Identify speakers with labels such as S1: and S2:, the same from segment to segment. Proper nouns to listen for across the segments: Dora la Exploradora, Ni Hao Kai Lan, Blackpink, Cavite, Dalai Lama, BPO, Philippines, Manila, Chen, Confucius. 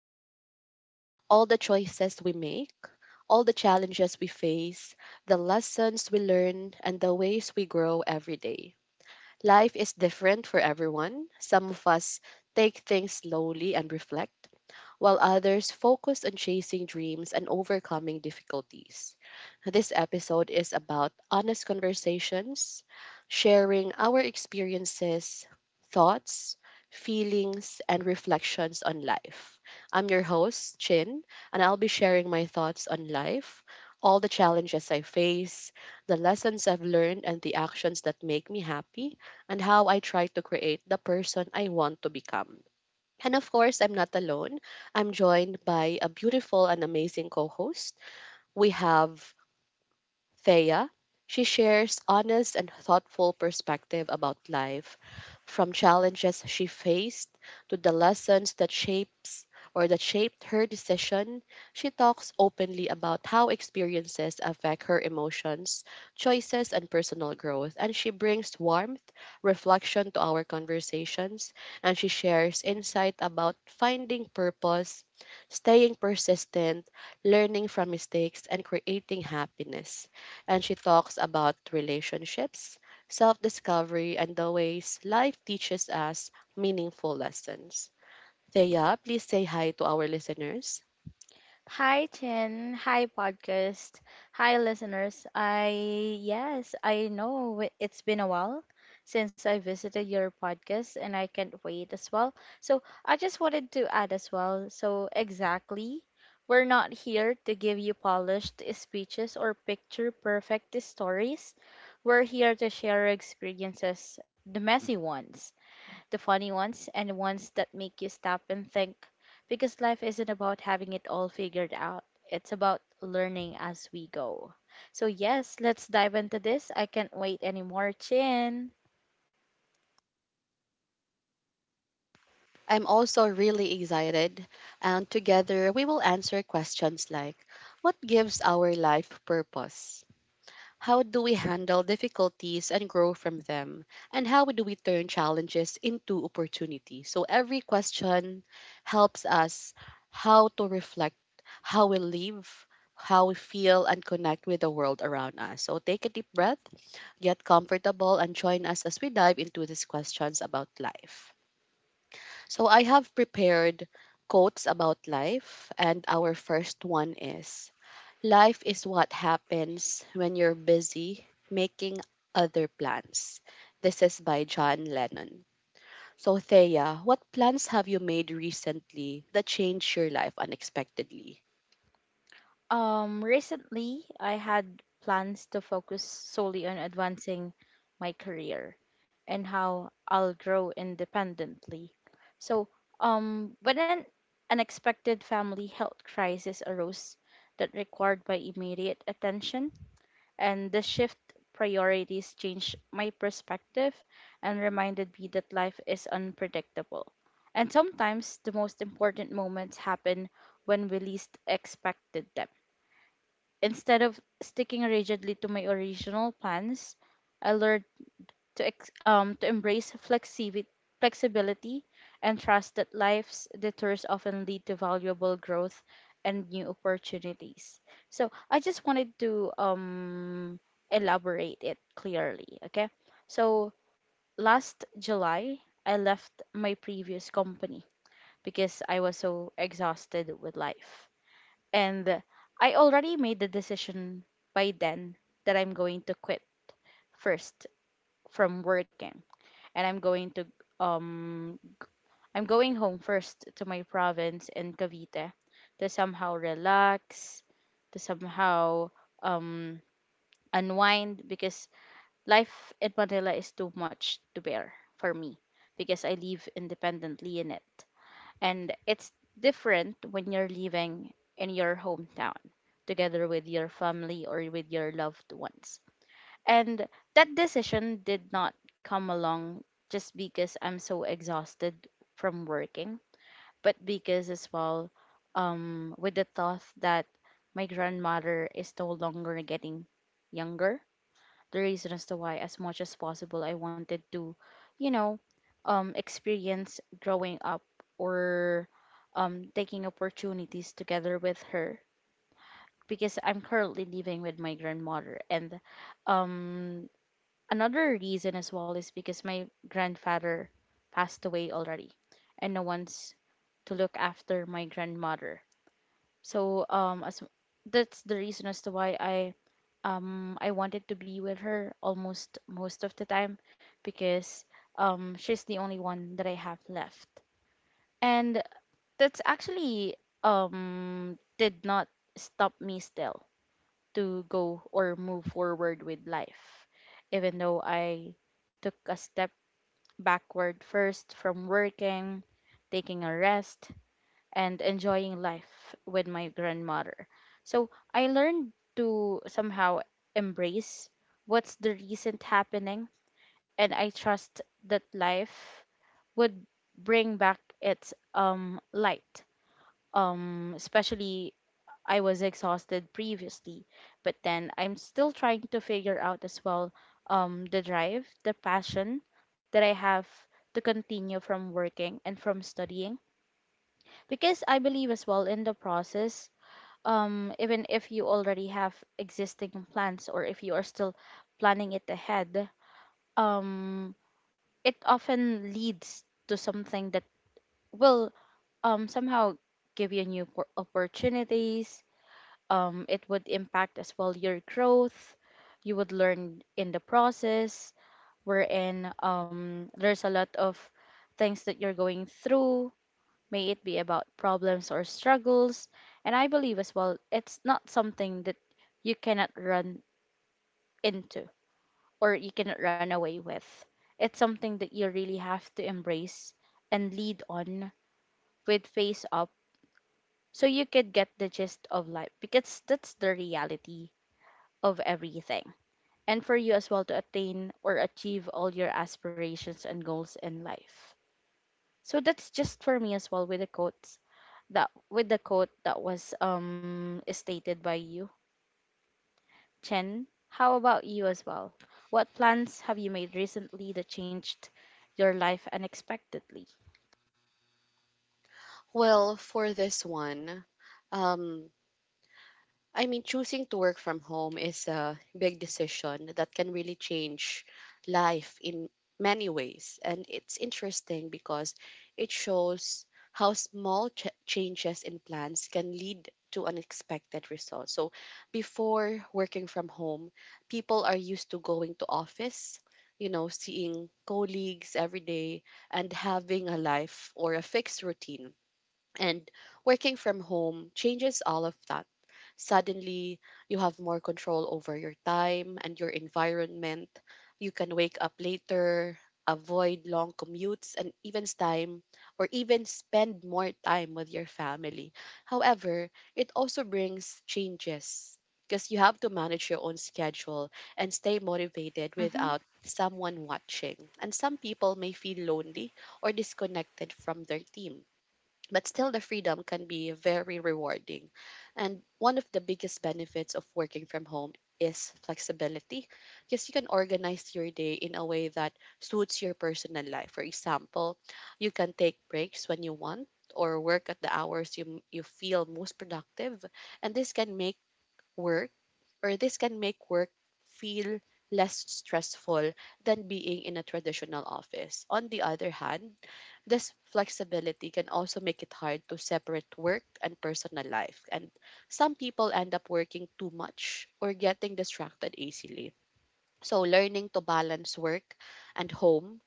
S1: life, all the choices we make, all the challenges we face, the lessons we learn, and the ways we grow every day. Life is different for everyone. Some of us take things slowly and reflect, while others focus on chasing dreams and overcoming difficulties. This episode is about honest conversations, sharing our experiences, thoughts, feelings, and reflections on life. I'm your host, Chin, and I'll be sharing my thoughts on life, all the challenges I face, the lessons I've learned, and the actions that make me happy, and how I try to create the person I want to become. And of course, I'm not alone. I'm joined by a beautiful and amazing co host. We have Thea. She shares honest and thoughtful perspective about life, from challenges she faced to the lessons that shapes or that shaped her decision. She talks openly about how experiences affect her emotions, choices, and personal growth, and she brings warmth, reflection to our conversations, and she shares insight about finding purpose, staying persistent, learning from mistakes, and creating happiness, and she talks about relationships, self discovery, and the ways life teaches us meaningful lessons. Thea, please say hi to our listeners.
S2: Hi Chen, hi podcast, hi listeners. I yes, I know it's been a while since I visited your podcast, and I can't wait as well. So, I just wanted to add as well. So, exactly, we're not here to give you polished speeches or picture perfect stories. We're here to share experiences, the messy ones, the funny ones, and the ones that make you stop and think. Because life isn't about having it all figured out, it's about learning as we go. So, yes, let's dive into this. I can't wait anymore, Chin.
S1: I'm also really excited, and together we will answer questions like: what gives our life purpose? How do we handle difficulties and grow from them? And how do we turn challenges into opportunities? So every question helps us how to reflect, how we live, how we feel, and connect with the world around us. So take a deep breath, get comfortable, and join us as we dive into these questions about life. So I have prepared quotes about life, and our first one is: life is what happens when you're busy making other plans. This is by John Lennon. So, Thea, what plans have you made recently that changed your life unexpectedly?
S2: Recently, I had plans to focus solely on advancing my career and how I'll grow independently. So, but an unexpected family health crisis arose that required my immediate attention, and the shift priorities changed my perspective and reminded me that life is unpredictable. And sometimes the most important moments happen when we least expected them. Instead of sticking rigidly to my original plans, I learned to embrace flexibility and trust that life's detours often lead to valuable growth and new opportunities. So I just wanted to elaborate it clearly, okay? So last July, I left my previous company because I was so exhausted with life. And I already made the decision by then that I'm going to quit first from working. And I'm going to um I'm going home first to my province in Cavite to somehow relax, to somehow um unwind because life in Manila is too much to bear for me because I live independently in it. And it's different when you're living in your hometown together with your family or with your loved ones. And that decision did not come along just because I'm so exhausted from working, but because as well, with the thought that my grandmother is no longer getting younger, the reason as to why as much as possible I wanted to, you know, experience growing up or taking opportunities together with her because I'm currently living with my grandmother. And um another reason as well is because my grandfather passed away already and no one's to look after my grandmother. So as that's the reason as to why I wanted to be with her almost most of the time because she's the only one that I have left. And that's actually did not stop me still to go or move forward with life, even though I took a step backward first from working, taking a rest and enjoying life with my grandmother. So I learned to somehow embrace what's the recent happening, and I trust that life would bring back its light. Especially I was exhausted previously, but then I'm still trying to figure out as well the drive, the passion that I have to continue from working and from studying, because I believe as well in the process. Even if you already have existing plans or if you are still planning it ahead, um, it often leads to something that will somehow give you new opportunities. It would impact as well your growth. You would learn in the process, wherein there's a lot of things that you're going through, may it be about problems or struggles. And I believe as well, it's not something that you cannot run into or you cannot run away with. It's something that you really have to embrace and lead on with face up, so you could get the gist of life, because that's the reality of everything. And for you as well to attain or achieve all your aspirations and goals in life. So that's just for me as well with the quotes. That with the quote that was stated by you. Chen, how about you as well? What plans have you made recently that changed your life unexpectedly?
S1: Well, for this one, um, I mean, choosing to work from home is a big decision that can really change life in many ways. And it's interesting because it shows how small changes in plans can lead to unexpected results. So, before working from home, people are used to going to office, you know, seeing colleagues every day and having a life or a fixed routine. And working from home changes all of that. Suddenly, you have more control over your time and your environment. You can wake up later, avoid long commutes, and even spend more time with your family. However, it also brings changes because you have to manage your own schedule and stay motivated
S2: Mhm.
S1: without someone watching. And some people may feel lonely or disconnected from their team. But still, the freedom can be very rewarding. And one of the biggest benefits of working from home is flexibility, because you can organize your day in a way that suits your personal life. For example, you can take breaks when you want or work at the hours you feel most productive. And work this can make work feel less stressful than being in a traditional office. On the other hand, this flexibility can also make it hard to separate work and personal life. And some people end up working too much or getting distracted easily. So, learning to balance work and home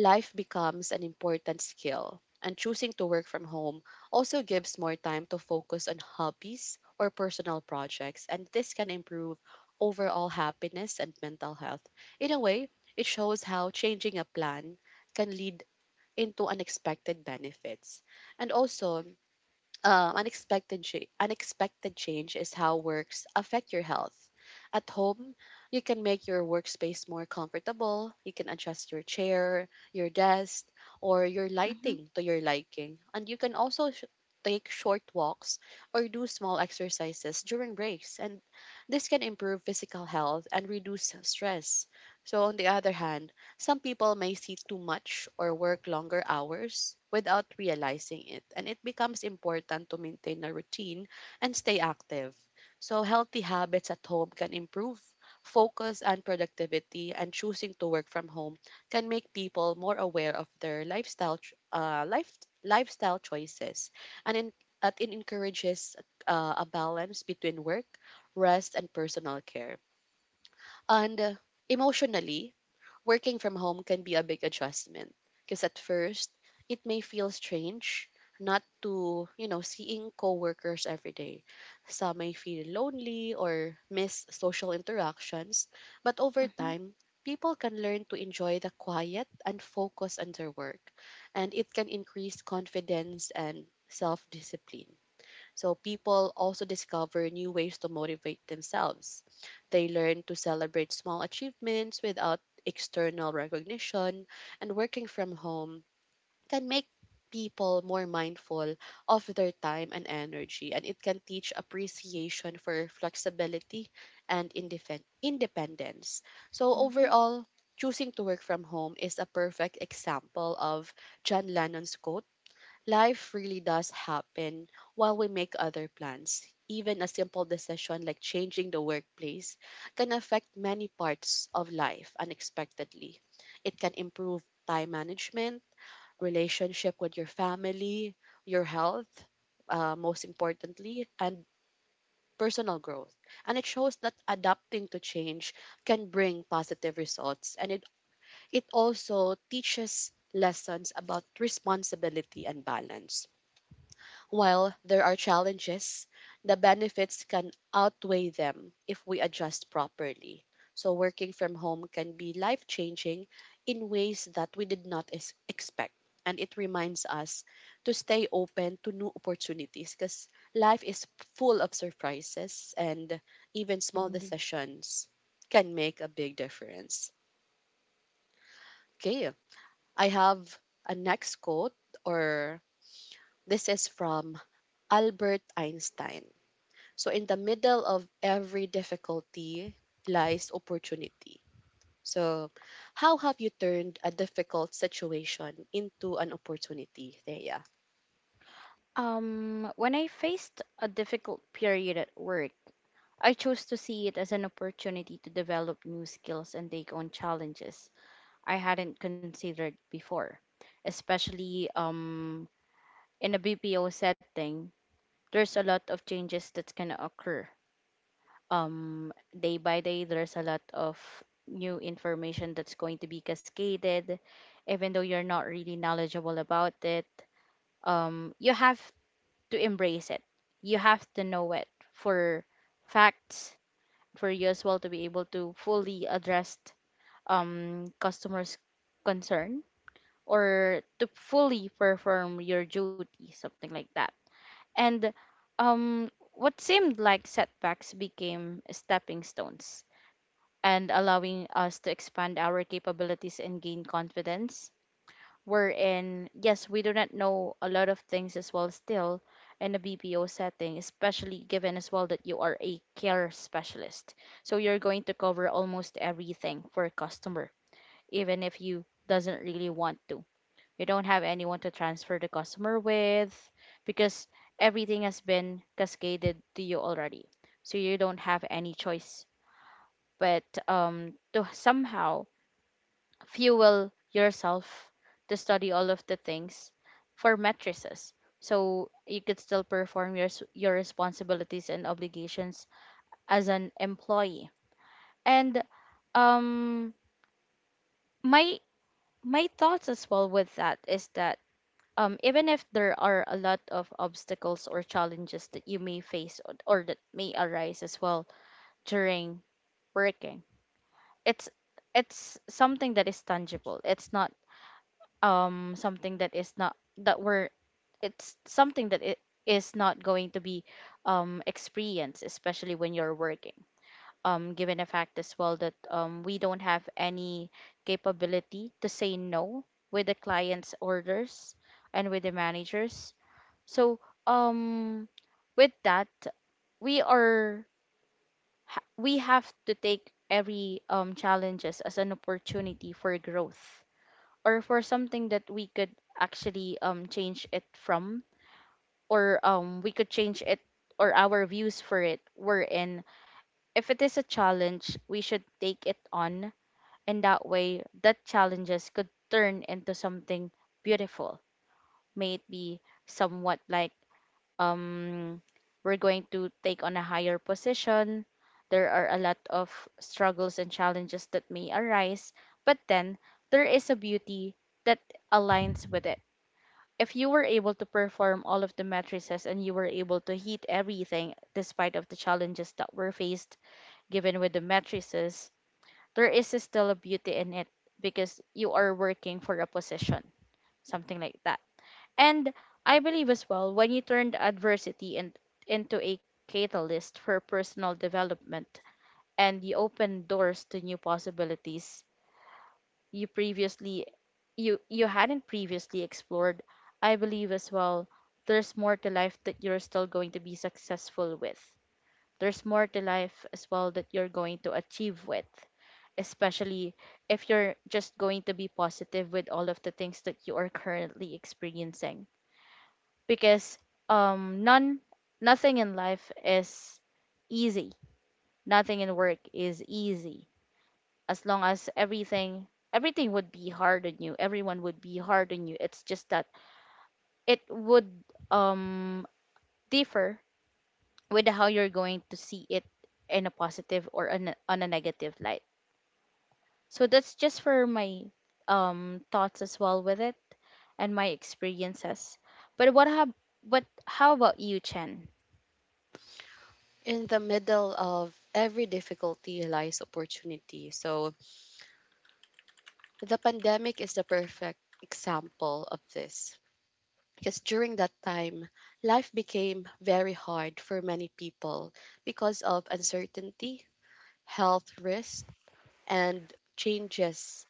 S1: life becomes an important skill, and choosing to work from home also gives more time to focus on hobbies or personal projects, and this can improve overall happiness and mental health. In a way, it shows how changing a plan can lead into unexpected benefits. And also, unexpected unexpected change is how works affect your health. At home, you can make your workspace more comfortable. You can adjust your chair, your desk, or your
S2: Mhm.
S1: lighting to your liking, and you can also take short walks or do small exercises during breaks. And this can improve physical health and reduce stress. So, on the other hand, some people may see too much or work longer hours without realizing it, and it becomes important to maintain a routine and stay active. So, healthy habits at home can improve focus and productivity, and choosing to work from home can make people more aware of their lifestyle choices, and it encourages a balance between work, rest, and personal care. And emotionally, working from home can be a big adjustment because at first it may feel strange not to, you know, seeing coworkers every day. Some may feel lonely or miss social interactions, but over
S2: Mhm.
S1: time, people can learn to enjoy the quiet and focus on their work, and it can increase confidence and self discipline. So people also discover new ways to motivate themselves. They learn to celebrate small achievements without external recognition, and working from home can make people more mindful of their time and energy, and it can teach appreciation for flexibility and independence. So
S2: Mhm.
S1: overall, choosing to work from home is a perfect example of John Lennon's quote: life really does happen while we make other plans. Even a simple decision like changing the workplace can affect many parts of life unexpectedly. It can improve time management, relationship with your family, your health, most importantly, and personal growth. And it shows that adapting to change can bring positive results. And it also teaches lessons about responsibility and balance. While there are challenges, the benefits can outweigh them if we adjust properly. So, working from home can be life changing in ways that we did not expect. And it reminds us to stay open to new opportunities because life is full of surprises, and even small
S2: Indeed.
S1: decisions can make a big difference. Okay, I have a next quote, or this is from Albert Einstein. So, in the middle of every difficulty lies opportunity. So how have you turned a difficult situation into an opportunity, Thea?
S2: When I faced a difficult period at work, I chose to see it as an opportunity to develop new skills and take on challenges I hadn't considered before, especially in a BPO setting. There's a lot of changes that's gonna occur. Um, Day by day, there's a lot of new information that's going to be cascaded, even though you're not really knowledgeable about it. You have to embrace it. You have to know it for facts for you as well to be able to fully address customers' concern, or to fully perform your duty, something like that. And what seemed like setbacks became stepping stones and allowing us to expand our capabilities and gain confidence. Wherein, yes, we do not know a lot of things as well still in a BPO setting, especially given as well that you are a care specialist. So you're going to cover almost everything for a customer, even if you doesn't really want to, you don't have anyone to transfer the customer with because everything has been cascaded to you already, so you don't have any choice but to somehow fuel yourself to study all of the things for matrices so you could still perform your your responsibilities and obligations as an employee. And um my my thoughts as well with that is that, even if there are a lot of obstacles or challenges that you may face or that may arise as well during working, it's it's something that is tangible. It's not something that is not that we're, it's something that it is not going to be experienced, especially when you're working, given the fact as well that we don't have any capability to say no with the client's orders and with the managers. So, um, with that, we are we have to take every challenges as an opportunity for growth, or for something that we could actually change it from, or we could change it, or our views for it. We're in. If it is a challenge we should take it on, and that way that challenges could turn into something beautiful, may it be somewhat like, um, we're going to take on a higher position. There are a lot of struggles and challenges that may arise, but then there is a beauty that aligns with it. If you were able to perform all of the matrices and you were able to hit everything despite of the challenges that were faced given with the matrices, there is still a beauty in it because you are working for a position, something like that. And I believe as well, when you turned adversity in, into a catalyst for personal development and you open doors to new possibilities you previously you hadn't previously explored, I believe as well there's more to life that you're still going to be successful with. There's more to life as well that you're going to achieve with, especially if you're just going to be positive with all of the things that you are currently experiencing, because none nothing in life is easy, nothing in work is easy. As long as everything would be hard on you, everyone would be hard on you, it's just that it would um differ with how you're going to see it, in a positive or on a negative light. So that's just for my thoughts as well with it and my experiences. But what have but how about you, Chen?
S1: In the middle of every difficulty lies opportunity. So the pandemic is the perfect example of this. Because during that time, life became very hard for many people because of uncertainty, health risks, and changes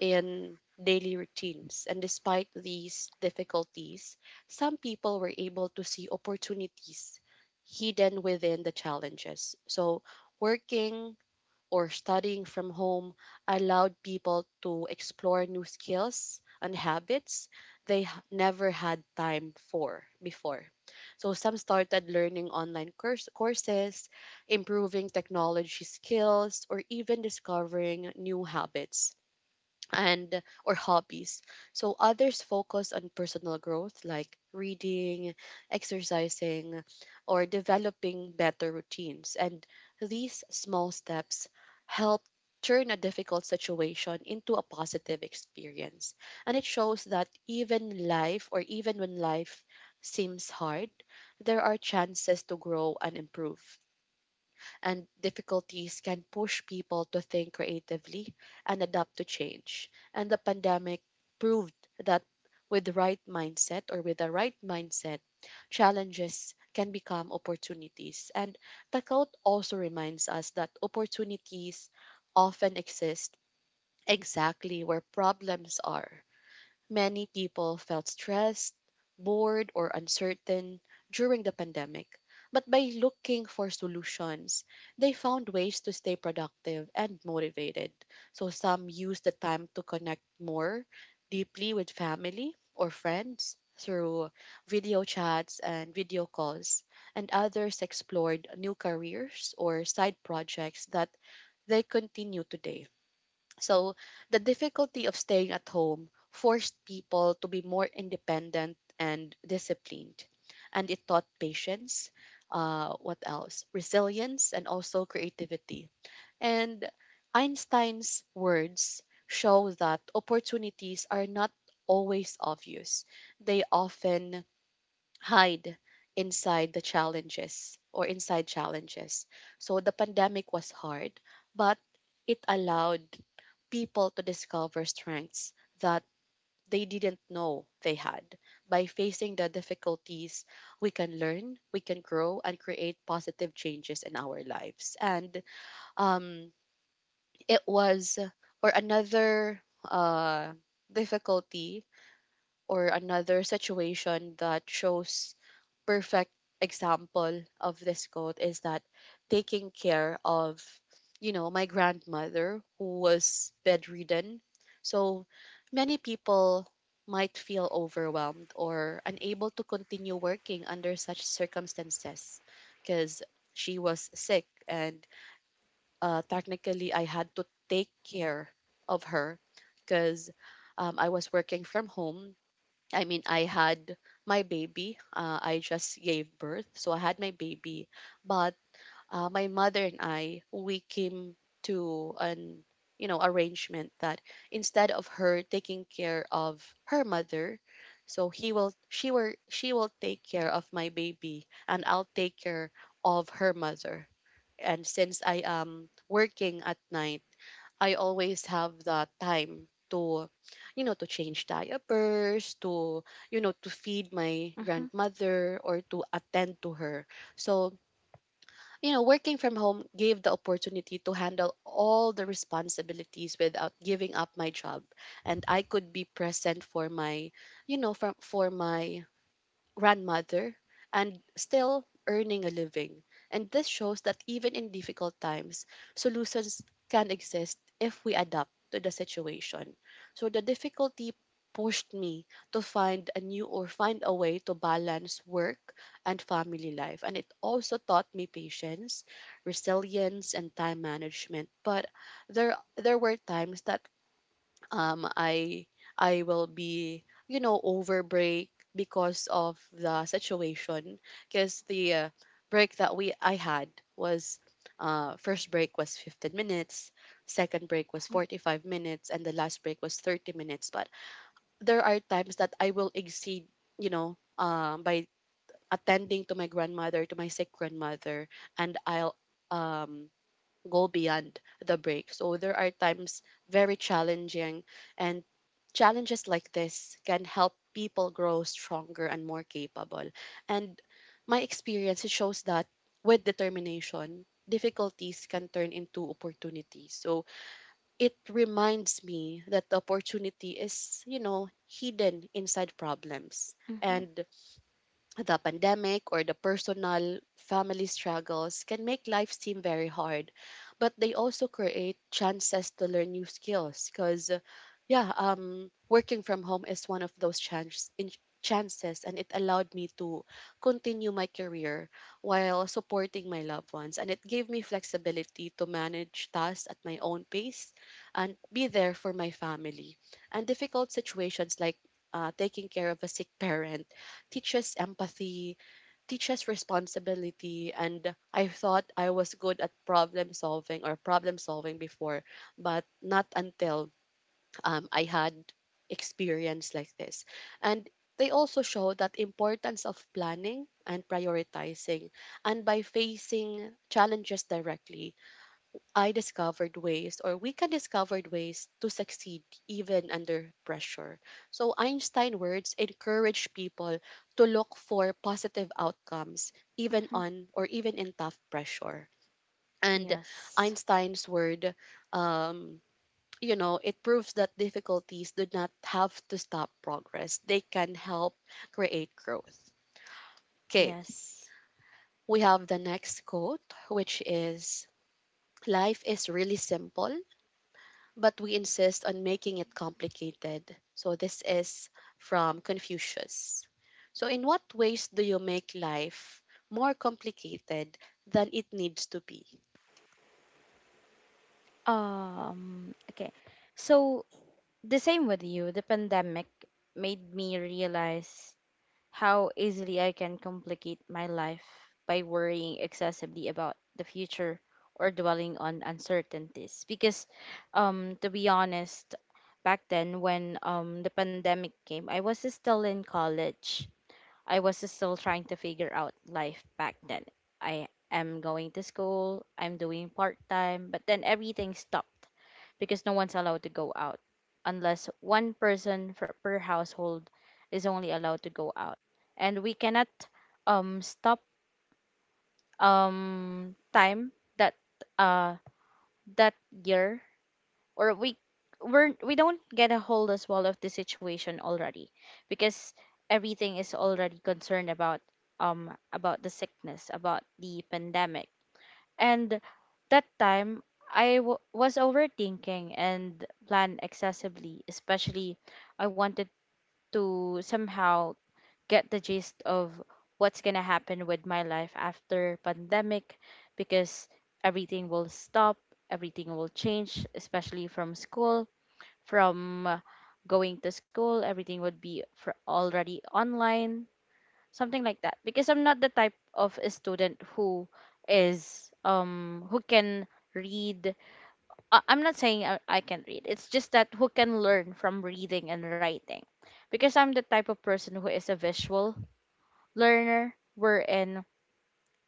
S1: in daily routines. And despite these difficulties, some people were able to see opportunities hidden within the challenges. So, working or studying from home allowed people to explore new skills and habits never had time for before. So, some started learning courses, improving technology skills, or even discovering new habits and or hobbies. So others focus on personal growth like reading, exercising, or developing better routines. And these small steps help turn a difficult situation into a positive experience. And it shows that even when life seems hard, there are chances to grow and improve, and difficulties can push people to think creatively and adapt to change. And the pandemic proved that with the right mindset, challenges can become opportunities. And Takout also reminds us that opportunities often exist exactly where problems are. Many people felt stressed, bored, or uncertain during the pandemic. But by looking for solutions, they found ways to stay productive and motivated. So some used the time to connect more deeply with family or friends through video chats and video calls, and others explored new careers or side projects that they continue today. So, the difficulty of staying at home forced people to be more independent and disciplined. And it taught patience, what else? Resilience and also creativity. And Einstein's words show that opportunities are not always obvious, they often hide inside challenges. So, the pandemic was hard, but it allowed people to discover strengths that they didn't know they had. By facing the difficulties, we can learn, we can grow, and create positive changes in our lives. And um, it was, or another difficulty or another situation that shows perfect example of this quote is that taking care of, you know, my grandmother who was bedridden. So many people might feel overwhelmed or unable to continue working under such circumstances because she was sick, and technically I had to take care of her because I was working from home. I mean, I had my baby. I just gave birth, so I had my baby. But my mother and I, we came to an, you know, arrangement that instead of her taking care of her mother, so he will she will she will take care of my baby, and I'll take care of her mother. And since I am working at night, I always have the time to, you know, to change diapers, to, you know, to feed my
S2: Mm-hmm.
S1: grandmother or to attend to her. So, you know, working from home gave the opportunity to handle all the responsibilities without giving up my job. And I could be present for my, you know, from for my grandmother, and still earning a living. And this shows that even in difficult times, solutions can exist if we adapt to the situation. So the difficulty pushed me to find a way to balance work and family life. And it also taught me patience, resilience, and time management. But there there were times that um I I will be over break because of the situation because the break that we I had was first break was 15 minutes, second break was 45 minutes, and the last break was 30 minutes, but there are times that I will exceed, by attending to my grandmother, to my sick grandmother, and I'll um go beyond the break. So there are times very challenging, and challenges like this can help people grow stronger and more capable. And my experience shows that with determination, difficulties can turn into opportunities. So it reminds me that the opportunity is, you know, hidden inside problems.
S2: Mm-hmm.
S1: And the pandemic or the personal family struggles can make life seem very hard, but they also create chances to learn new skills because yeah working from home is one of those chances, and it allowed me to continue my career while supporting my loved ones, and it gave me flexibility to manage tasks at my own pace and be there for my family. And difficult situations like taking care of a sick parent teaches empathy, teaches responsibility. And I thought I was good at problem solving before, but not until I had experience like this. And they also show that importance of planning and prioritizing, and by facing challenges directly, I discovered ways, or we can discover ways to succeed even under pressure. So Einstein words encourage people to look for positive outcomes even
S2: Mhm.
S1: on or even in tough pressure. And
S2: Yes.
S1: Einstein's word, um, you know, it proves that difficulties do not have to stop progress. They can help create growth. Okay,
S2: Yes.
S1: we have the next quote, which is, "Life is really simple but we insist on making it complicated." So, this is from Confucius. So, in what ways do you make life more complicated than it needs to be?
S2: Okay. So, the same with you, the pandemic made me realize how easily I can complicate my life by worrying excessively about the future or dwelling on uncertainties. Because, to be honest, back then when the pandemic came, I was still in college. I was still trying to figure out life back then. I am going to school, I'm doing part time, but then everything stopped because no one's allowed to go out unless one person per household is only allowed to go out. And we cannot stop time that uh that year or we don't get a hold as well of the situation already because everything is already concerned about the sickness, about the pandemic. And that time I was overthinking and plan excessively, especially I wanted to somehow get the gist of what's gonna happen with my life after pandemic, because everything will stop, everything will change, especially from school, from going to school everything would be for already online, something like that, because I'm not the type of a student who is who can read. I'm not saying I can read, it's just that who can learn from reading and writing, because I'm the type of person who is a visual learner, wherein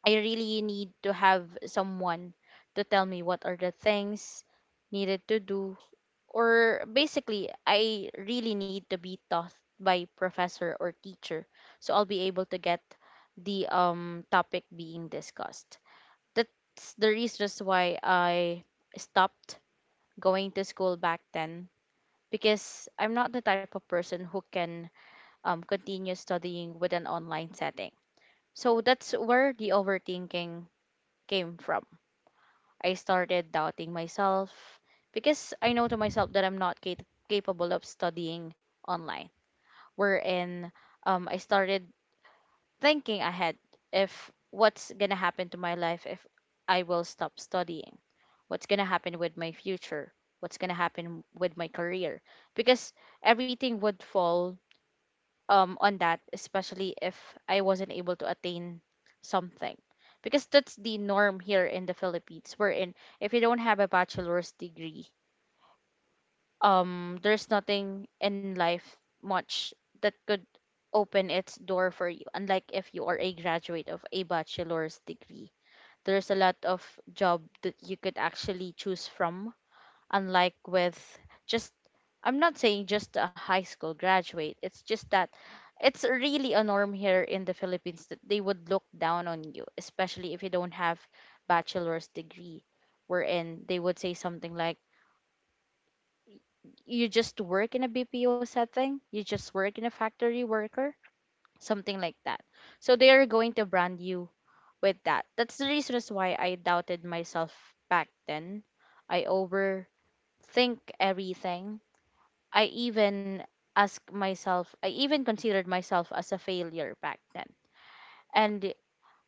S2: I really need to have someone to tell me what are the things needed to do, or basically I really need to be taught by professor or teacher, so I'll be able to get the topic being discussed. That's the reason as why I stopped going to school back then, because I'm not the type of person who can continue studying with an online setting. So that's where the overthinking came from. I started doubting myself because I know to myself that I'm not capable of studying online. Wherein I started thinking ahead if what's going to happen to my life if I will stop studying, what's going to happen with my future, what's going to happen with my career, because everything would fall on that, especially if I wasn't able to attain something. Because that's the norm here in the Philippines, wherein if you don't have a bachelor's degree, there's nothing in life much that could open its door for you. Unlike if you are a graduate of a bachelor's degree, there's a lot of job that you could actually choose from, unlike with just, I'm not saying just a high school graduate. It's just that it's really a norm here in the Philippines that they would look down on you, especially if you don't have bachelor's degree, wherein they would say something like, "You just work in a BPO setting. You just work in a factory worker." Something like that. So they are going to brand you with that. That's the reason as why I doubted myself back then. I overthink everything. I even asked myself, I even considered myself as a failure back then. And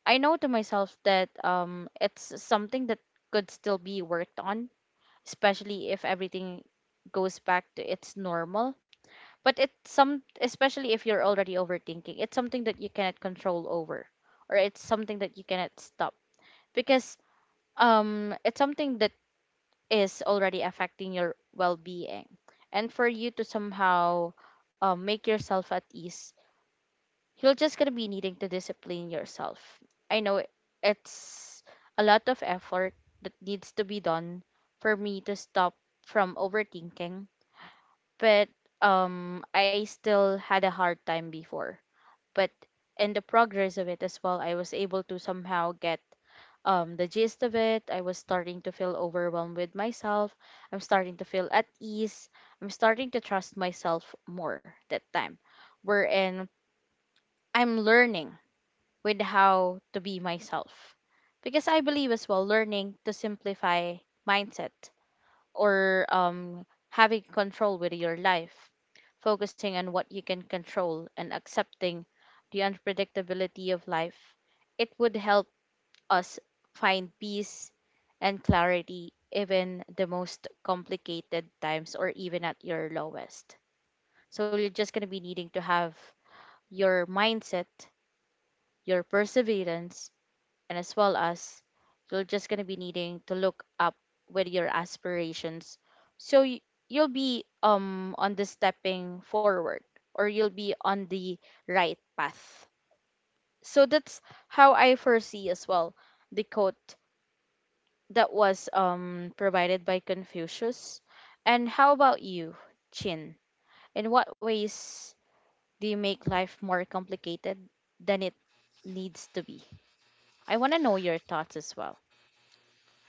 S2: I know to myself that it's something that could still be worked on, especially if everything goes back to its normal. But it's some, especially if you're already overthinking, it's something that you cannot control over, or it's something that you cannot stop because it's something that is already affecting your well-being, and for you to somehow make yourself at ease, you're just going to be needing to discipline yourself. i know it- it's a lot of effort that needs to be done for me to stop from overthinking, but I still had a hard time before, but in the progress of it as well I was able to somehow get the gist of it. I was starting to feel overwhelmed with myself. I'm starting to feel at ease. I'm starting to trust myself more that time. Wherein I'm learning with how to be myself. Because I believe as well, learning to simplify mindset or having control with your life, focusing on what you can control and accepting the unpredictability of life, it would help us find peace and clarity even the most complicated times or even at your lowest. So you're just going to be needing to have your mindset, your perseverance, and as well as you're just going to be needing to look up with your aspirations. So y- you'll be on the stepping forward or you'll be on the right path. So that's how I foresee as well the quote that was provided by Confucius. And how about you, Chin? In what ways do you make life more complicated than it needs to be? I want to know your thoughts as well.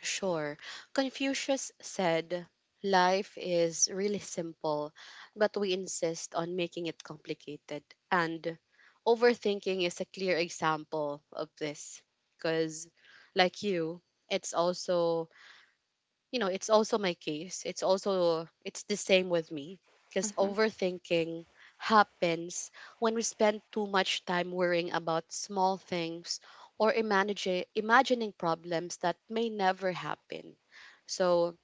S1: Sure. Confucius said, "Life is really simple, but we insist on making it complicated." And overthinking is a clear example of this because, like you, it's also, you know, it's also my case. It's the same with me because
S2: Mhm,
S1: overthinking happens when we spend too much time worrying about small things or imagine imagining problems that may never happen. So,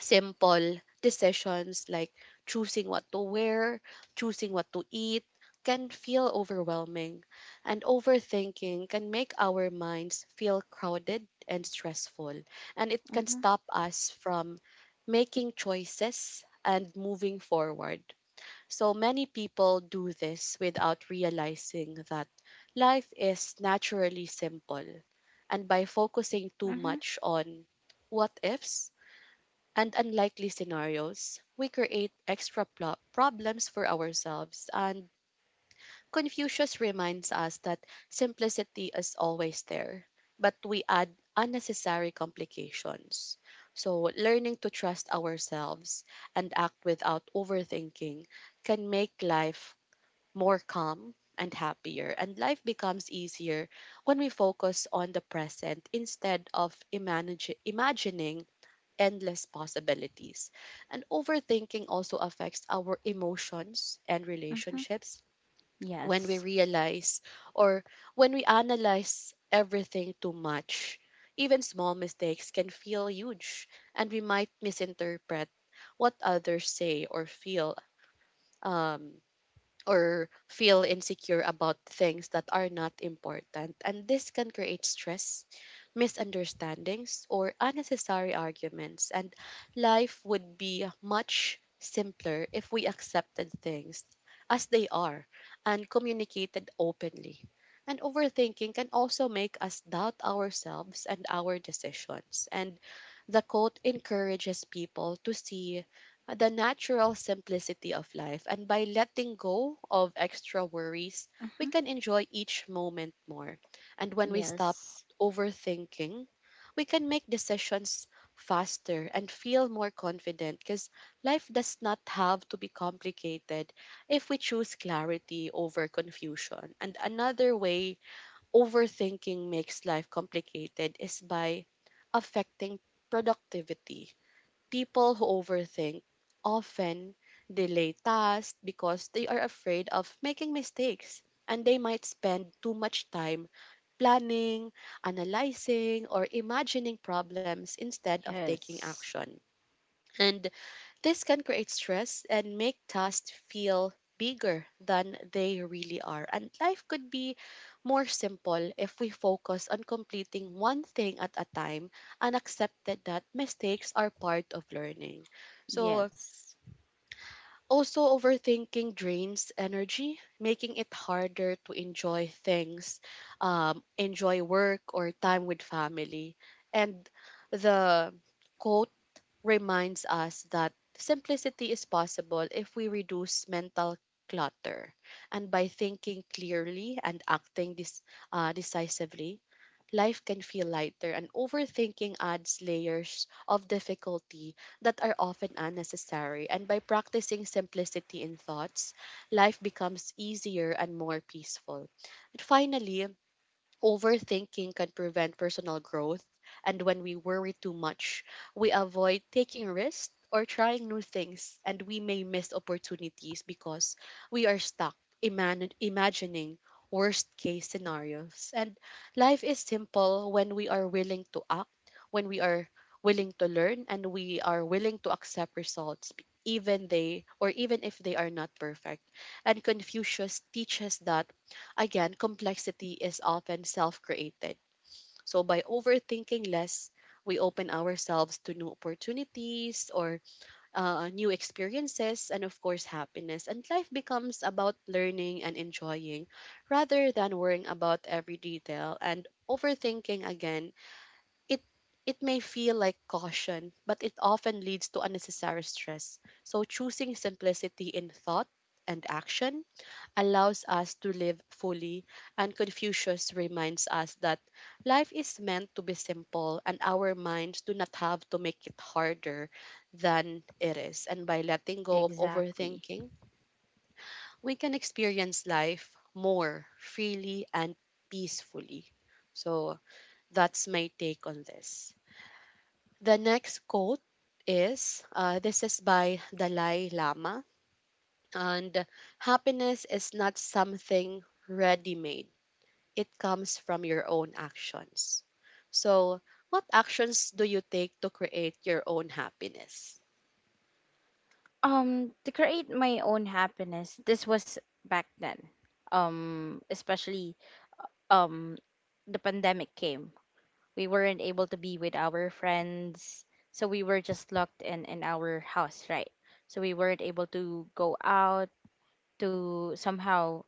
S1: simple decisions like choosing what to wear, choosing what to eat can feel overwhelming, and overthinking can make our minds feel crowded and stressful, and it can
S2: mhm,
S1: stop us from making choices and moving forward. So many people do this without realizing that life is naturally simple, and by focusing too
S2: mhm,
S1: much on what ifs and unlikely scenarios, we create extra problems for ourselves. And Confucius reminds us that simplicity is always there, but we add unnecessary complications. So, learning to trust ourselves and act without overthinking can make life more calm and happier. And life becomes easier when we focus on the present instead of imagining endless possibilities. And overthinking also affects our emotions and
S2: mhm.
S1: relationships when we
S2: Yes.
S1: realize or when we analyze everything too much. Even small mistakes can feel huge, and we might misinterpret what others say or feel. Um, or feel insecure about things that are not important. And this can create stress, misunderstandings, or unnecessary arguments. And life would be much simpler if we accepted things as they are and communicated openly. And overthinking can also make us doubt ourselves and our decisions. And the quote encourages people to see the natural simplicity of life. And by letting go of extra worries, we
S2: Mhm.
S1: can enjoy each moment more. And when we stop
S2: Yes.
S1: overthinking, we can make decisions faster and feel more confident because life does not have to be complicated if we choose clarity over confusion. And another way overthinking makes life complicated is by affecting productivity. People who overthink often delay tasks because they are afraid of making mistakes, and they might spend too much time planning, analyzing, or imagining problems instead of taking
S2: Yes.
S1: action. And this can create stress and make tasks feel bigger than they really are. And life could be more simple if we focus on completing one thing at a time and accepted that mistakes are part of learning. So,
S2: Yes.
S1: also overthinking drains energy, making it harder to enjoy things, enjoy work or time with family. And the quote reminds us that simplicity is possible if we reduce mental clutter. And by thinking clearly and acting decisively, life can feel lighter. And overthinking adds layers of difficulty that are often unnecessary. And by practicing simplicity in thoughts, life becomes easier and more peaceful. And finally, overthinking can prevent personal growth, and when we worry too much, we avoid taking risks or trying new things, and we may miss opportunities because we are stuck imagining worst case scenarios. And life is simple when we are willing to act, when we are willing to learn, and we are willing to accept results even if they are not perfect. And Confucius teaches that, again, complexity is often self created. So, by overthinking less, we open ourselves to new opportunities or new experiences, and of course, happiness. And life becomes about learning and enjoying rather than worrying about every detail. And overthinking, again, it it may feel like caution, but it often leads to unnecessary stress. So, choosing simplicity in thought and action allows us to live fully, and Confucius reminds us that life is meant to be simple and our minds do not have to make it harder than it is. And by letting go of
S2: Exactly.
S1: overthinking, we can experience life more freely and peacefully. So that's my take on this. The next quote is this is by Dalai Lama, and happiness is not something ready made, it comes from your own actions. So, what actions do you take to create your own happiness?
S2: To create my own happiness, this was back then. Especially um, the pandemic came, we weren't able to be with our friends, so we were just locked in our house, right? So we weren't able to go out to somehow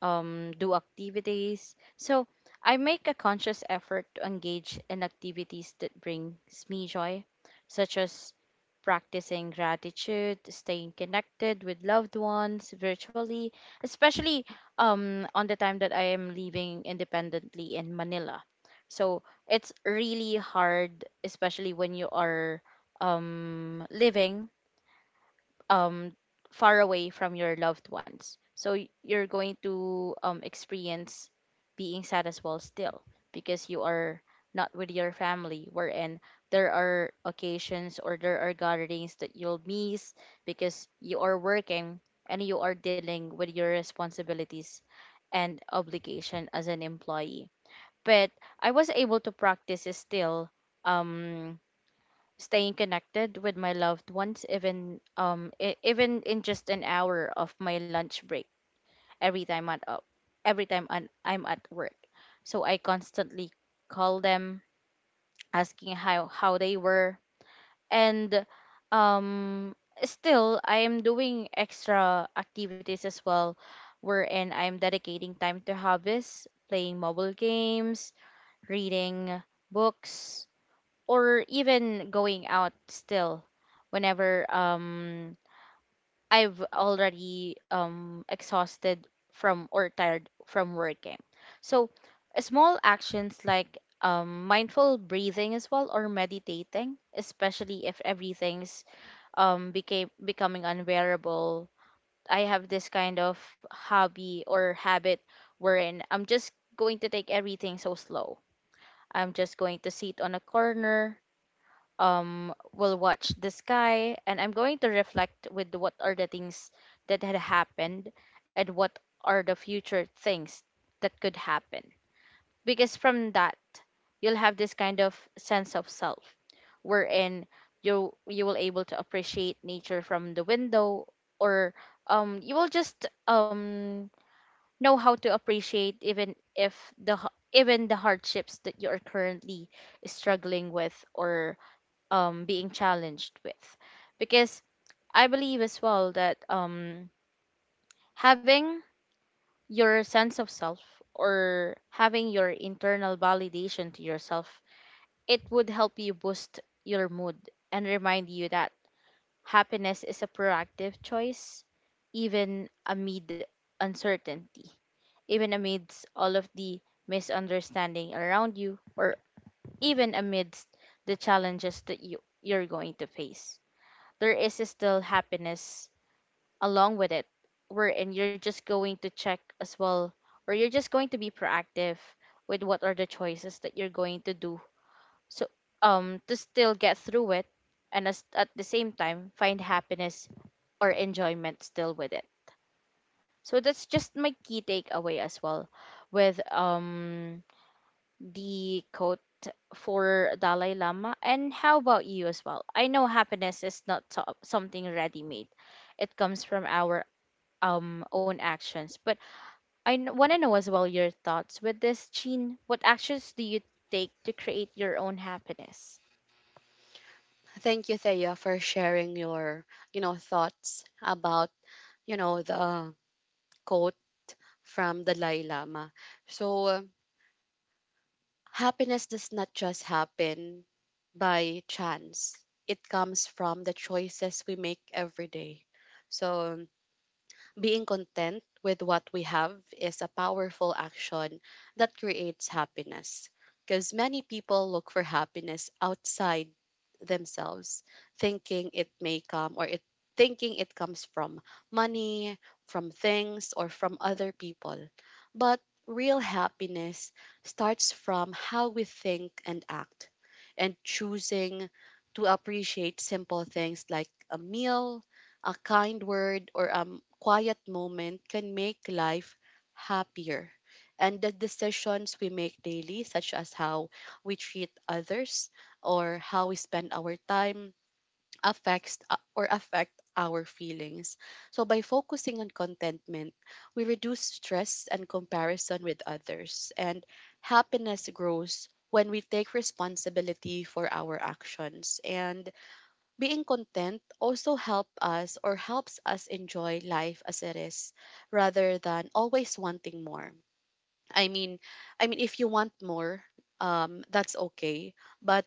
S2: do activities. So I make a conscious effort to engage in activities that brings me joy, such as practicing gratitude, staying connected with loved ones virtually, especially on the time that I am living independently in Manila. So it's really hard, especially when you are living um, far away from your loved ones. You're going to experience being sad as well still because you are not with your family, wherein there are occasions or there are gatherings that you'll miss because you are working and you are dealing with your responsibilities and obligation as an employee, but I was able to practice still um staying connected with my loved ones, even even in just an hour of my lunch break, every time at up every time I'm at work, so I constantly call them asking how they were, and um still I am doing extra activities as well, wherein I'm dedicating time to hobbies, playing mobile games, reading books, or even going out still, whenever I've already exhausted from or tired from working. So small actions like mindful breathing as well or meditating, especially if everything's became becoming unbearable. I have this kind of hobby or habit wherein I'm just going to take everything so slow. I'm just going to sit on a corner, will watch the sky, and I'm going to reflect with what are the things that had happened and what are the future things that could happen. Because from that you'll have this kind of sense of self, wherein you will able to appreciate nature from the window, or you will just know how to appreciate even if even the hardships that you are currently struggling with or being challenged with, because I believe as well that having your sense of self or having your internal validation to yourself, it would help you boost your mood and remind you that happiness is a proactive choice even amid uncertainty, even amidst all of the misunderstanding around you, or even amidst the challenges that you're going to face, there is still happiness along with it, wherein you're just going to check as well, or you're just going to be proactive with what are the choices that you're going to do, so to still get through it and at the same time find happiness or enjoyment still with it. So that's just my key takeaway as well with the quote for Dalai Lama. And how about you as well? I know happiness is not something ready made, it comes from our own actions. But I want to know as well your thoughts with this, Jean. What actions do you take to create your own happiness?
S1: Thank you, Thea, for sharing your, you know, thoughts about, you know, the quote from Dalai Lama. So, happiness does not just happen by chance. It comes from the choices we make every day. So, being content with what we have is a powerful action that creates happiness. Because many people look for happiness outside themselves, thinking it may come or it thinking it comes from money, from things, or from other people. But real happiness starts from how we think and act, and choosing to appreciate simple things like a meal, a kind word, or a quiet moment can make life happier. And the decisions we make daily, such as how we treat others or how we spend our time, affect our feelings. So by focusing on contentment, we reduce stress and comparison with others. And happiness grows when we take responsibility for our actions. And being content also helps us enjoy life as it is rather than always wanting more. I mean, I mean if you want more, that's okay, but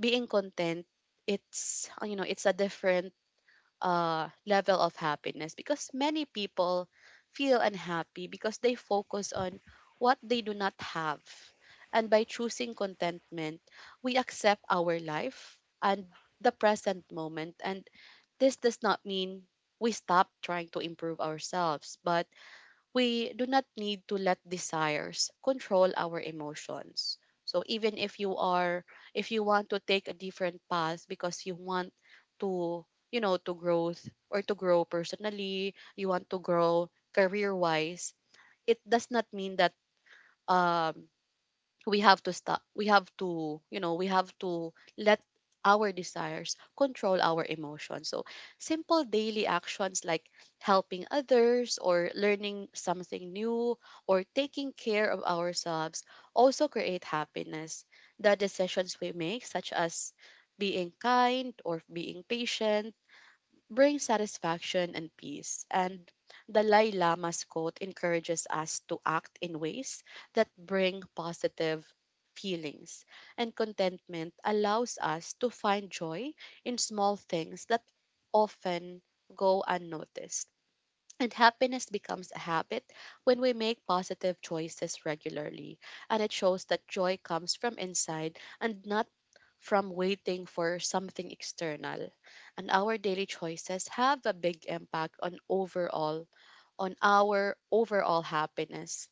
S1: being content, it's you know, it's a different level of happiness because many people feel unhappy because they focus on what they do not have. And by choosing contentment, we accept our life and the present moment, and this does not mean we stop trying to improve ourselves, but we do not need to let desires control our emotions. So even if you are if you want to take a different path because you want to, you know, to grow personally, you want to grow career-wise, it does not mean that um we have to stop we have to you know, we have to let our desires control our emotions. So simple daily actions like helping others or learning something new or taking care of ourselves also create happiness. The decisions we make such as being kind or being patient bring satisfaction and peace. And Dalai Lama's quote encourages us to act in ways that bring positive feelings. And contentment allows us to find joy in small things that often go unnoticed. And happiness becomes a habit when we make positive choices regularly. And it shows that joy comes from inside and not from waiting for something external. And our daily choices have a big impact on overall on our overall happiness.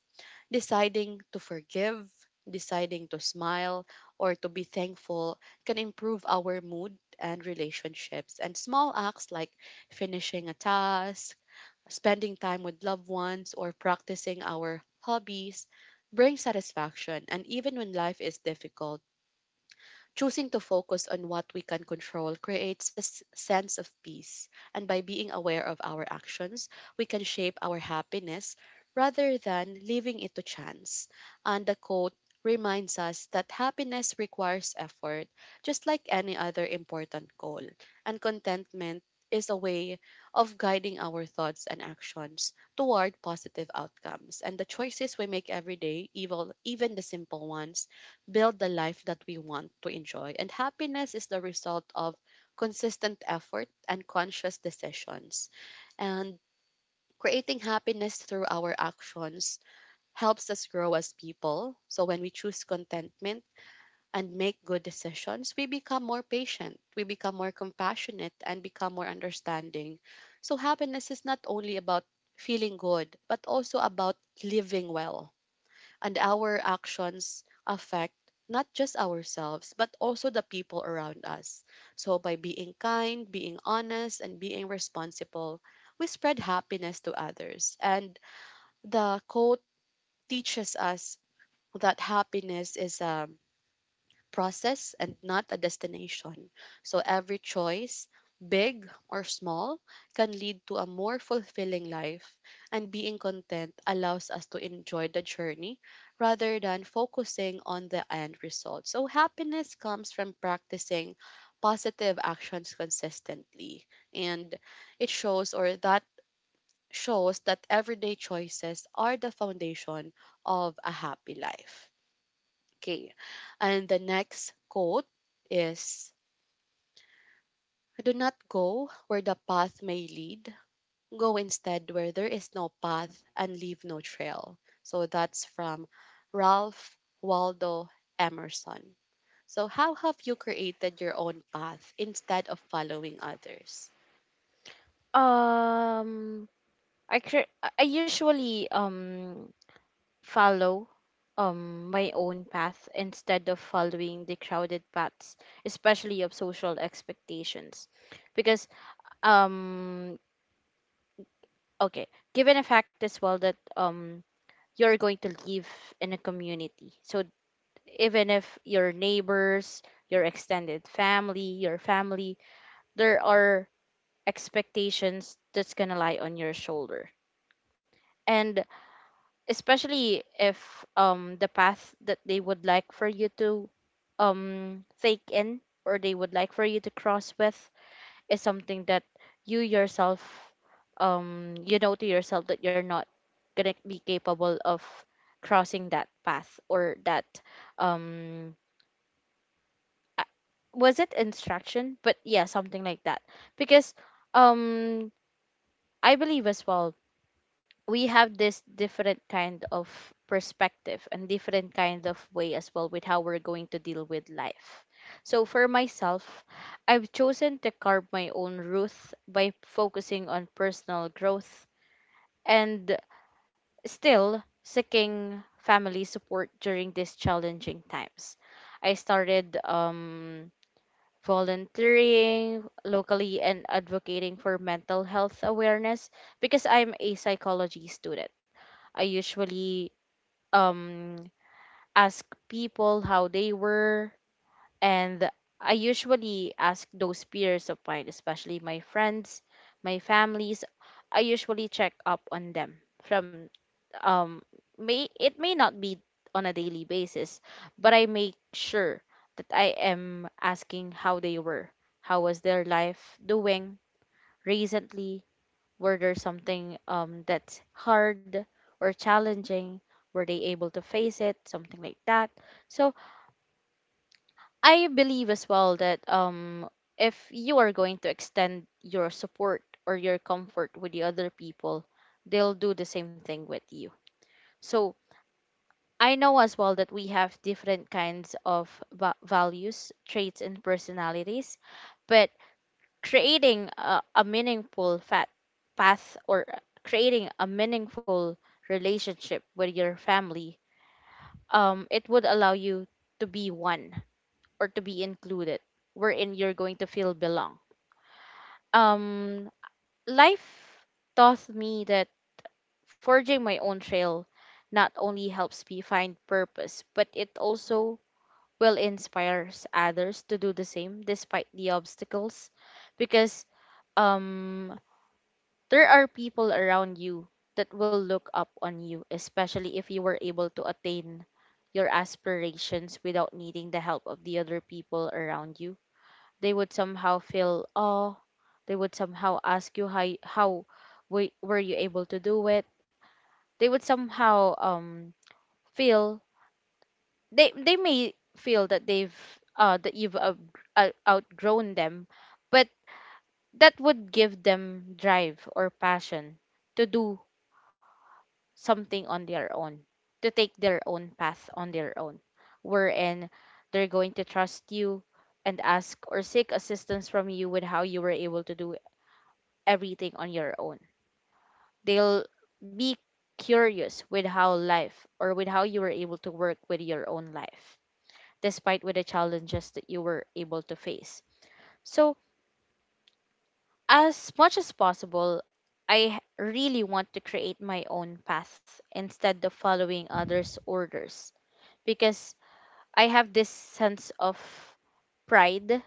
S1: Deciding to forgive, deciding to smile or to be thankful can improve our mood and relationships. And small acts like finishing a task, spending time with loved ones or practicing our hobbies bring satisfaction. And even when life is difficult, choosing to focus on what we can control creates a sense of peace, and by being aware of our actions, we can shape our happiness rather than leaving it to chance. And the quote reminds us that happiness requires effort, just like any other important goal, and contentment is a way of guiding our thoughts and actions toward positive outcomes. And the choices we make every day, even the simple ones, build the life that we want to enjoy. And happiness is the result of consistent effort and conscious decisions. And creating happiness through our actions helps us grow as people. So when we choose contentment and make good decisions, we become more patient, we become more compassionate, and become more understanding. So, happiness is not only about feeling good, but also about living well, and our actions affect not just ourselves but also the people around us. So by being kind, being honest and being responsible, we spread happiness to others. And the quote teaches us that happiness is a process and not a destination. So every choice, big or small, can lead to a more fulfilling life, and being content allows us to enjoy the journey rather than focusing on the end result. So happiness comes from practicing positive actions consistently, and it shows or that shows that everyday choices are the foundation of a happy life. Okay. And the next quote is, "Do not go where the path may lead. Go instead where there is no path and leave no trail." So that's from Ralph Waldo Emerson. So, how have you created your own path instead of following others?
S2: Um, I cre- I usually follow my own path instead of following the crowded paths, especially of social expectations, because um okay, given a fact as well that you're going to live in a community, so even if your neighbors, your extended family, your family, there are expectations that's going to lie on your shoulder, and especially if the path that they would like for you to take in, or they would like for you to cross with, is something that you yourself you know to yourself that you're not gonna be capable of crossing that path, or that um a- was it instruction, but yeah, something like that, because um I believe as well we have this different kind of perspective and different kind of way as well with how we're going to deal with life. So for myself, I've chosen to carve my own route by focusing on personal growth and still seeking family support during these challenging times. I started volunteering locally and advocating for mental health awareness because I'm a psychology student. I usually um ask people how they were, and I usually ask those peers of mine, especially my friends, my families. I usually check up on them from um may it may not be on a daily basis, but I make sure that I am asking how they were, how was their life doing recently, were there something that's hard or challenging? Were they able to face it? Something like that. So I believe as well that if you are going to extend your support or your comfort with the other people, they'll do the same thing with you. So I know as well that we have different kinds of values, traits, and personalities, but creating a meaningful fat path, or creating a meaningful relationship with your family, it would allow you to be one or to be included, wherein you're going to feel belong. um Life taught me that forging my own trail not only helps me find purpose but it also will inspires others to do the same despite the obstacles, because um there are people around you that will look up on you, especially if you were able to attain your aspirations without needing the help of the other people around you. They would somehow feel, oh, they would somehow ask you how were you able to do it. They would somehow feel they may feel that they've that you've outgrown them, but that would give them drive or passion to do something on their own, to take their own path on their own, wherein they're going to trust you and ask or seek assistance from you with how you were able to do everything on your own. They'll be curious with how life or with how you were able to work with your own life, despite with the challenges that you were able to face. So, as much as possible, I really want to create my own path instead of following others' orders because I have this sense of pride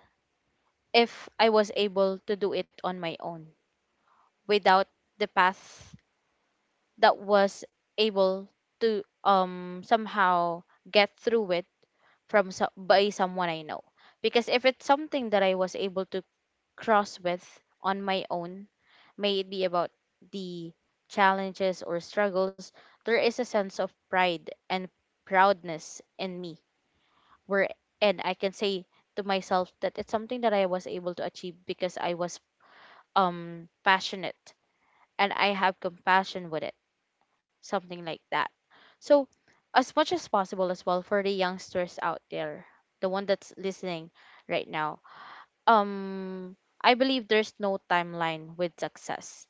S2: if I was able to do it on my own without the path that was able to somehow get through it from by someone I know, because if it's something that I was able to cross with on my own, may it be about the challenges or struggles, there is a sense of pride and proudness in me where and I can say to myself that it's something that I was able to achieve because I was passionate and I have compassion with it, something like that. So as much as possible as well for the youngsters out there, the one that's listening right now, um I believe there's no timeline with success.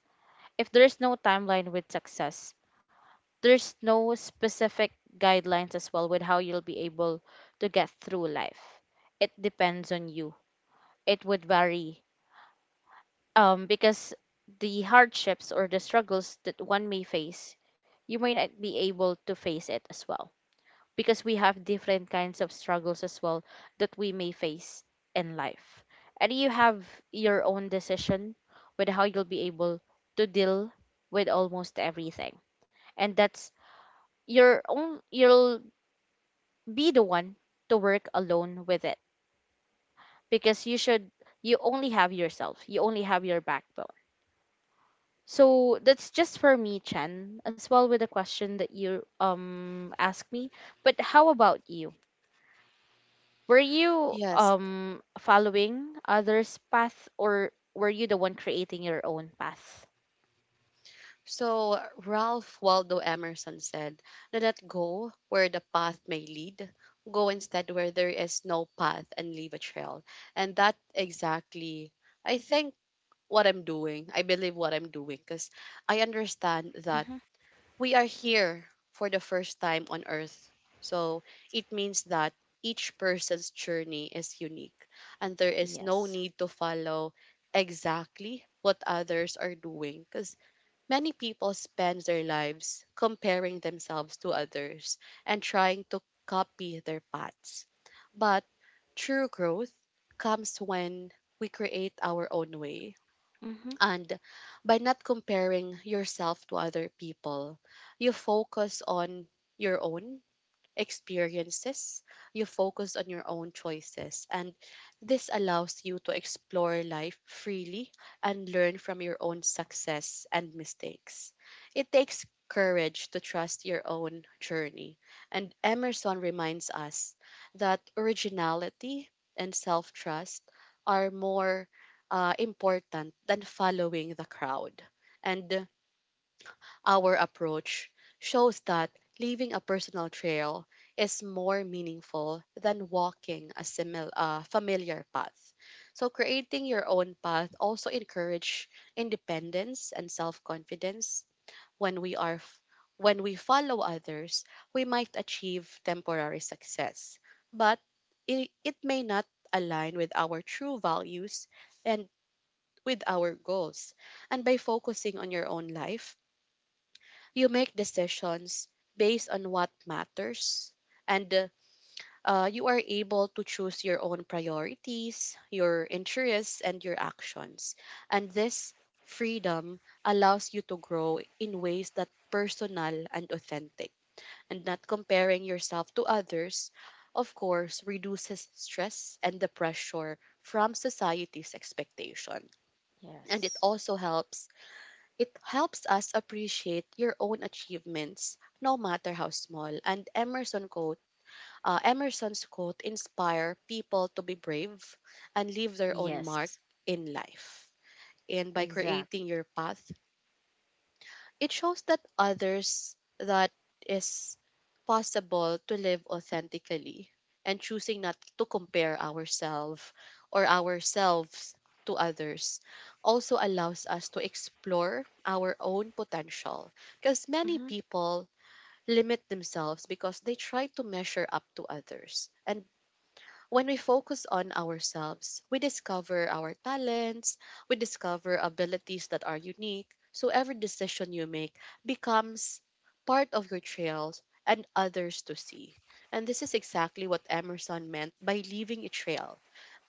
S2: If there's no timeline with success, there's no specific guidelines as well with how you'll be able to get through life. It depends on you, it would vary, because the hardships or the struggles that one may face, you may not be able to face it as well because we have different kinds of struggles as well that we may face in life, and you have your own decision with how you'll be able to deal with almost everything. And that's your own, you'll be the one to work alone with it because you should, you only have yourself, you only have your backbone. So that's just for me, Chen, as well with the question that you asked me. But how about you? Were you
S1: Yes.
S2: following others' path or were you the one creating your own path?
S1: So Ralph Waldo Emerson said, "Do not go where the path may lead. Go instead where there is no path and leave a trail." And that exactly, I think, what I'm doing. I believe what I'm doing because I understand that
S2: Mm-hmm.
S1: we are here for the first time on earth. So it means that each person's journey is unique and there is no
S2: Yes.
S1: need to follow exactly what others are doing, because many people spend their lives comparing themselves to others and trying to copy their paths. But true growth comes when we create our own way.
S2: Mm-hmm.
S1: And by not comparing yourself to other people, you focus on your own experiences, you focus on your own choices, and this allows you to explore life freely and learn from your own success and mistakes. It takes courage to trust your own journey, and Emerson reminds us that originality and self trust are more important than following the crowd. And our approach shows that leaving a personal trail is more meaningful than walking a familiar path. So, creating your own path also encourage independence and self confidence. When we are f- when we follow others, we might achieve temporary success, but it may not align with our true values and with our goals. And by focusing on your own life, you make decisions based on what matters, and you are able to choose your own priorities, your interests, and your actions. And this freedom allows you to grow in ways that personal and authentic, and not comparing yourself to others of course reduces stress and the pressure from society's expectation, and
S2: Yes.
S1: it helps us appreciate your own achievements, no matter how small. And Emerson's quote inspire people to be brave and leave their own mark
S2: Yes.
S1: in life. And by
S2: Exactly.
S1: creating your path, it shows that others that is possible to live authentically, and choosing not to compare ourselves or ourselves to others also allows us to explore our own potential, because
S2: Mm-hmm.
S1: many people limit themselves because they try to measure up to others. And when we focus on ourselves, we discover our talents, we discover abilities that are unique. So every decision you make becomes part of your trails and others to see. And this is exactly what Emerson meant by leaving a trail,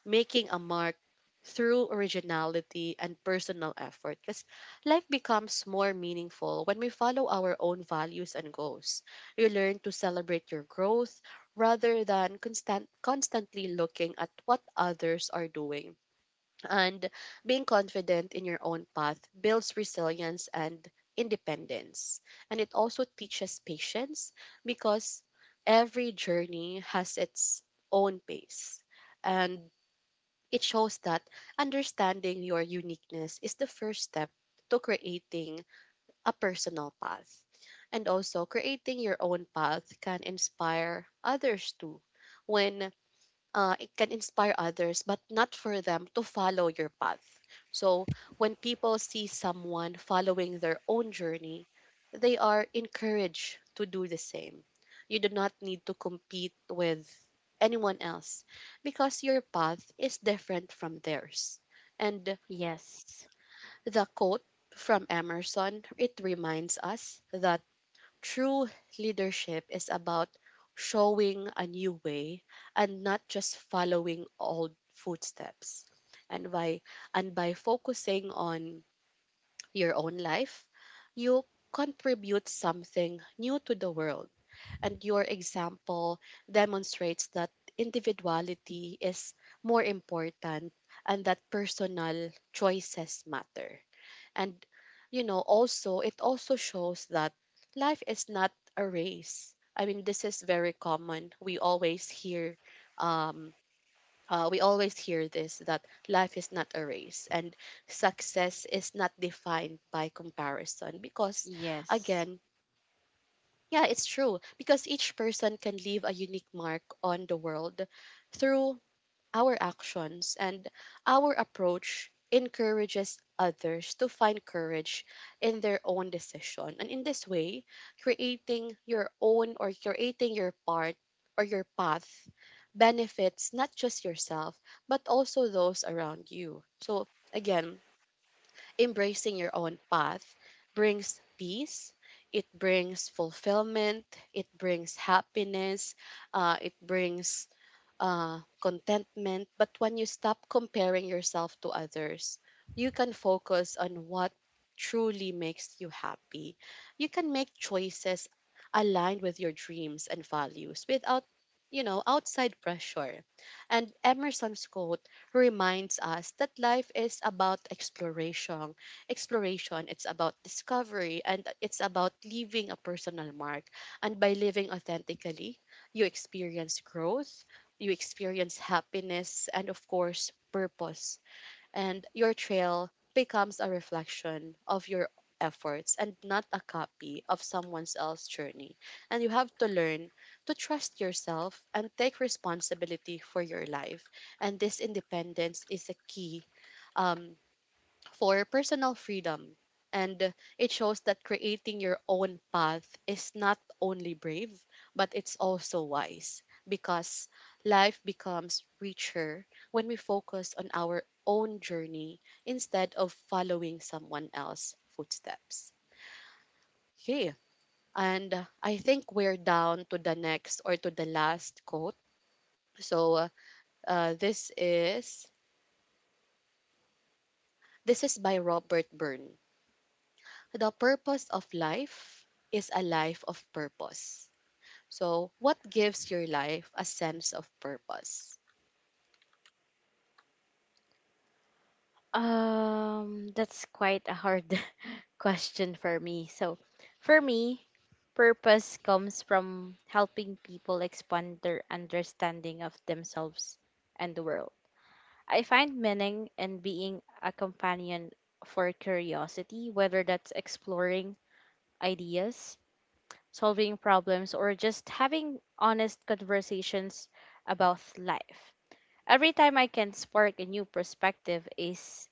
S1: making a mark through originality and personal effort, because life becomes more meaningful when we follow our own values and goals. You learn to celebrate your growth rather than constantly looking at what others are doing, and being confident in your own path builds resilience and independence, and it also teaches patience, because every journey has its own pace. And it shows that understanding your uniqueness is the first step to creating a personal path. And also, creating your own path can inspire others too. When It can inspire others, but not for them to follow your path. So when people see someone following their own journey, they are encouraged to do the same. You do not need to compete with anyone else because your path is different from theirs. And
S2: Yes.
S1: the quote from Emerson, it reminds us that true leadership is about showing a new way and not just following old footsteps. And by and by focusing on your own life, you contribute something new to the world. And your example demonstrates that individuality is more important and that personal choices matter. And you know, also it also shows that life is not a race. I mean, this is very common. Um we always hear this that life is not a race and success is not defined by comparison. Because
S2: Yes.
S1: again, yeah, it's true, because each person can leave a unique mark on the world through our actions, and our approach encourages others to find courage in their own decision. And in this way, creating your own or creating your part or your path benefits not just yourself, but also those around you. So, again, embracing your own path brings peace, it brings fulfillment, it brings happiness, it brings contentment. But when you stop comparing yourself to others, you can focus on what truly makes you happy. You can make choices aligned with your dreams and values without, you know, outside pressure. And Emerson's quote reminds us that life is about exploration. Exploration, it's about discovery, and it's about leaving a personal mark. And by living authentically, you experience growth, you experience happiness and, of course, purpose. And your trail becomes a reflection of your efforts and not a copy of someone else's journey. And you have to learn to trust yourself and take responsibility for your life. And this independence is a key, um, for personal freedom. And it shows that creating your own path is not only brave, but it's also wise, because life becomes richer when we focus on our own journey instead of following someone else's footsteps. Okay, and I think we're down to the next or to the last quote. So this is by Robert Byrne. "The purpose of life is a life of purpose." So, what gives your life a sense of purpose?
S2: That's quite a hard question for me. So, for me, purpose comes from helping people expand their understanding of themselves and the world. I find meaning in being a companion for curiosity, whether that's exploring ideas, solving problems, or just having honest conversations about life. Every time I can spark a new perspective is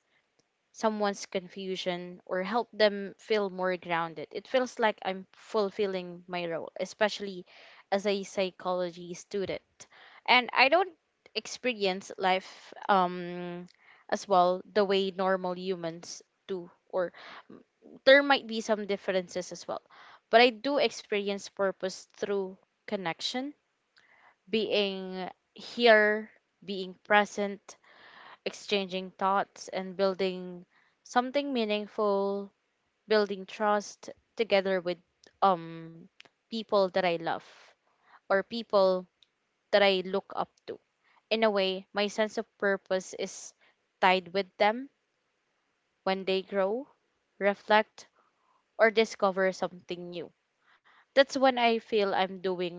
S2: someone's confusion or help them feel more grounded. It feels like I'm fulfilling my role, especially as a psychology student. And I don't experience life, as well, the way normal humans do, or there might be some differences as well. But I do experience purpose through connection, being here, being present, exchanging thoughts and building something meaningful, building trust together with um people that I love or people that I look up to. In a way, my sense of purpose is tied with them when they grow, reflect, or discover something new. That's when I feel I'm doing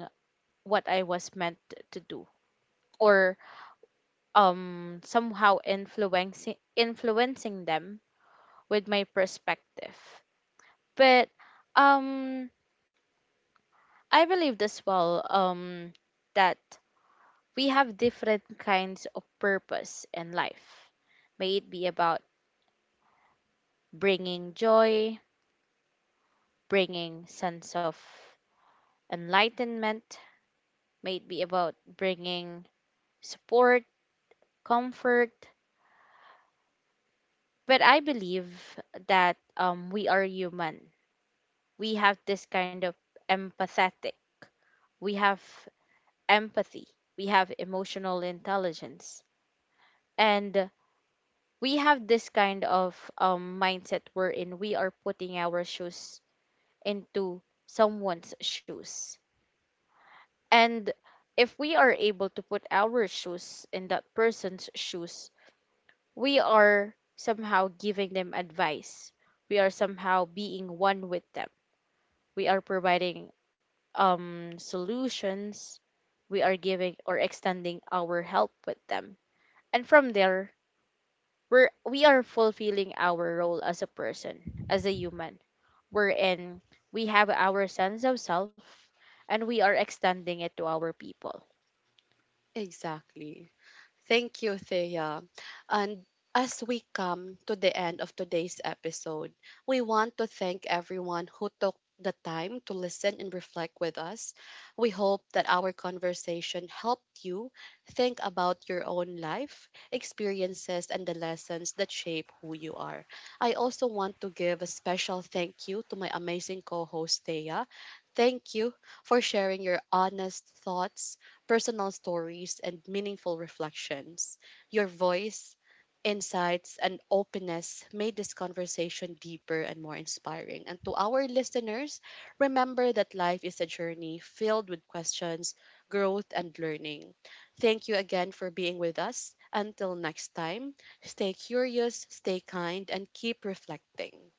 S2: what I was meant to do, or somehow influencing them with my perspective. But um I believed as well that we have different kinds of purpose in life. May it be about bringing joy, bringing sense of enlightenment, may it be about bringing support, comfort. But I believe that we are human. We have this kind of empathetic. We have empathy. We have emotional intelligence. And we have this kind of mindset wherein we are putting our shoes into someone's shoes. And if we are able to put our shoes in that person's shoes, we are somehow giving them advice. We are somehow being one with them. We are providing, solutions. We are giving or extending our help with them. And from there, we are fulfilling our role as a person, as a human wherein we have our sense of self and we are extending it to our people.
S1: Exactly. Thank you, Thea. And as we come to the end of today's episode, we want to thank everyone who took the time to listen and reflect with us. We hope that our conversation helped you think about your own life, experiences, and the lessons that shape who you are. I also want to give a special thank you to my amazing co host, Thea. Thank you for sharing your honest thoughts, personal stories, and meaningful reflections. Your voice, insights, and openness made this conversation deeper and more inspiring. And to our listeners, remember that life is a journey filled with questions, growth, and learning. Thank you again for being with us. Until next time, stay curious, stay kind, and keep reflecting.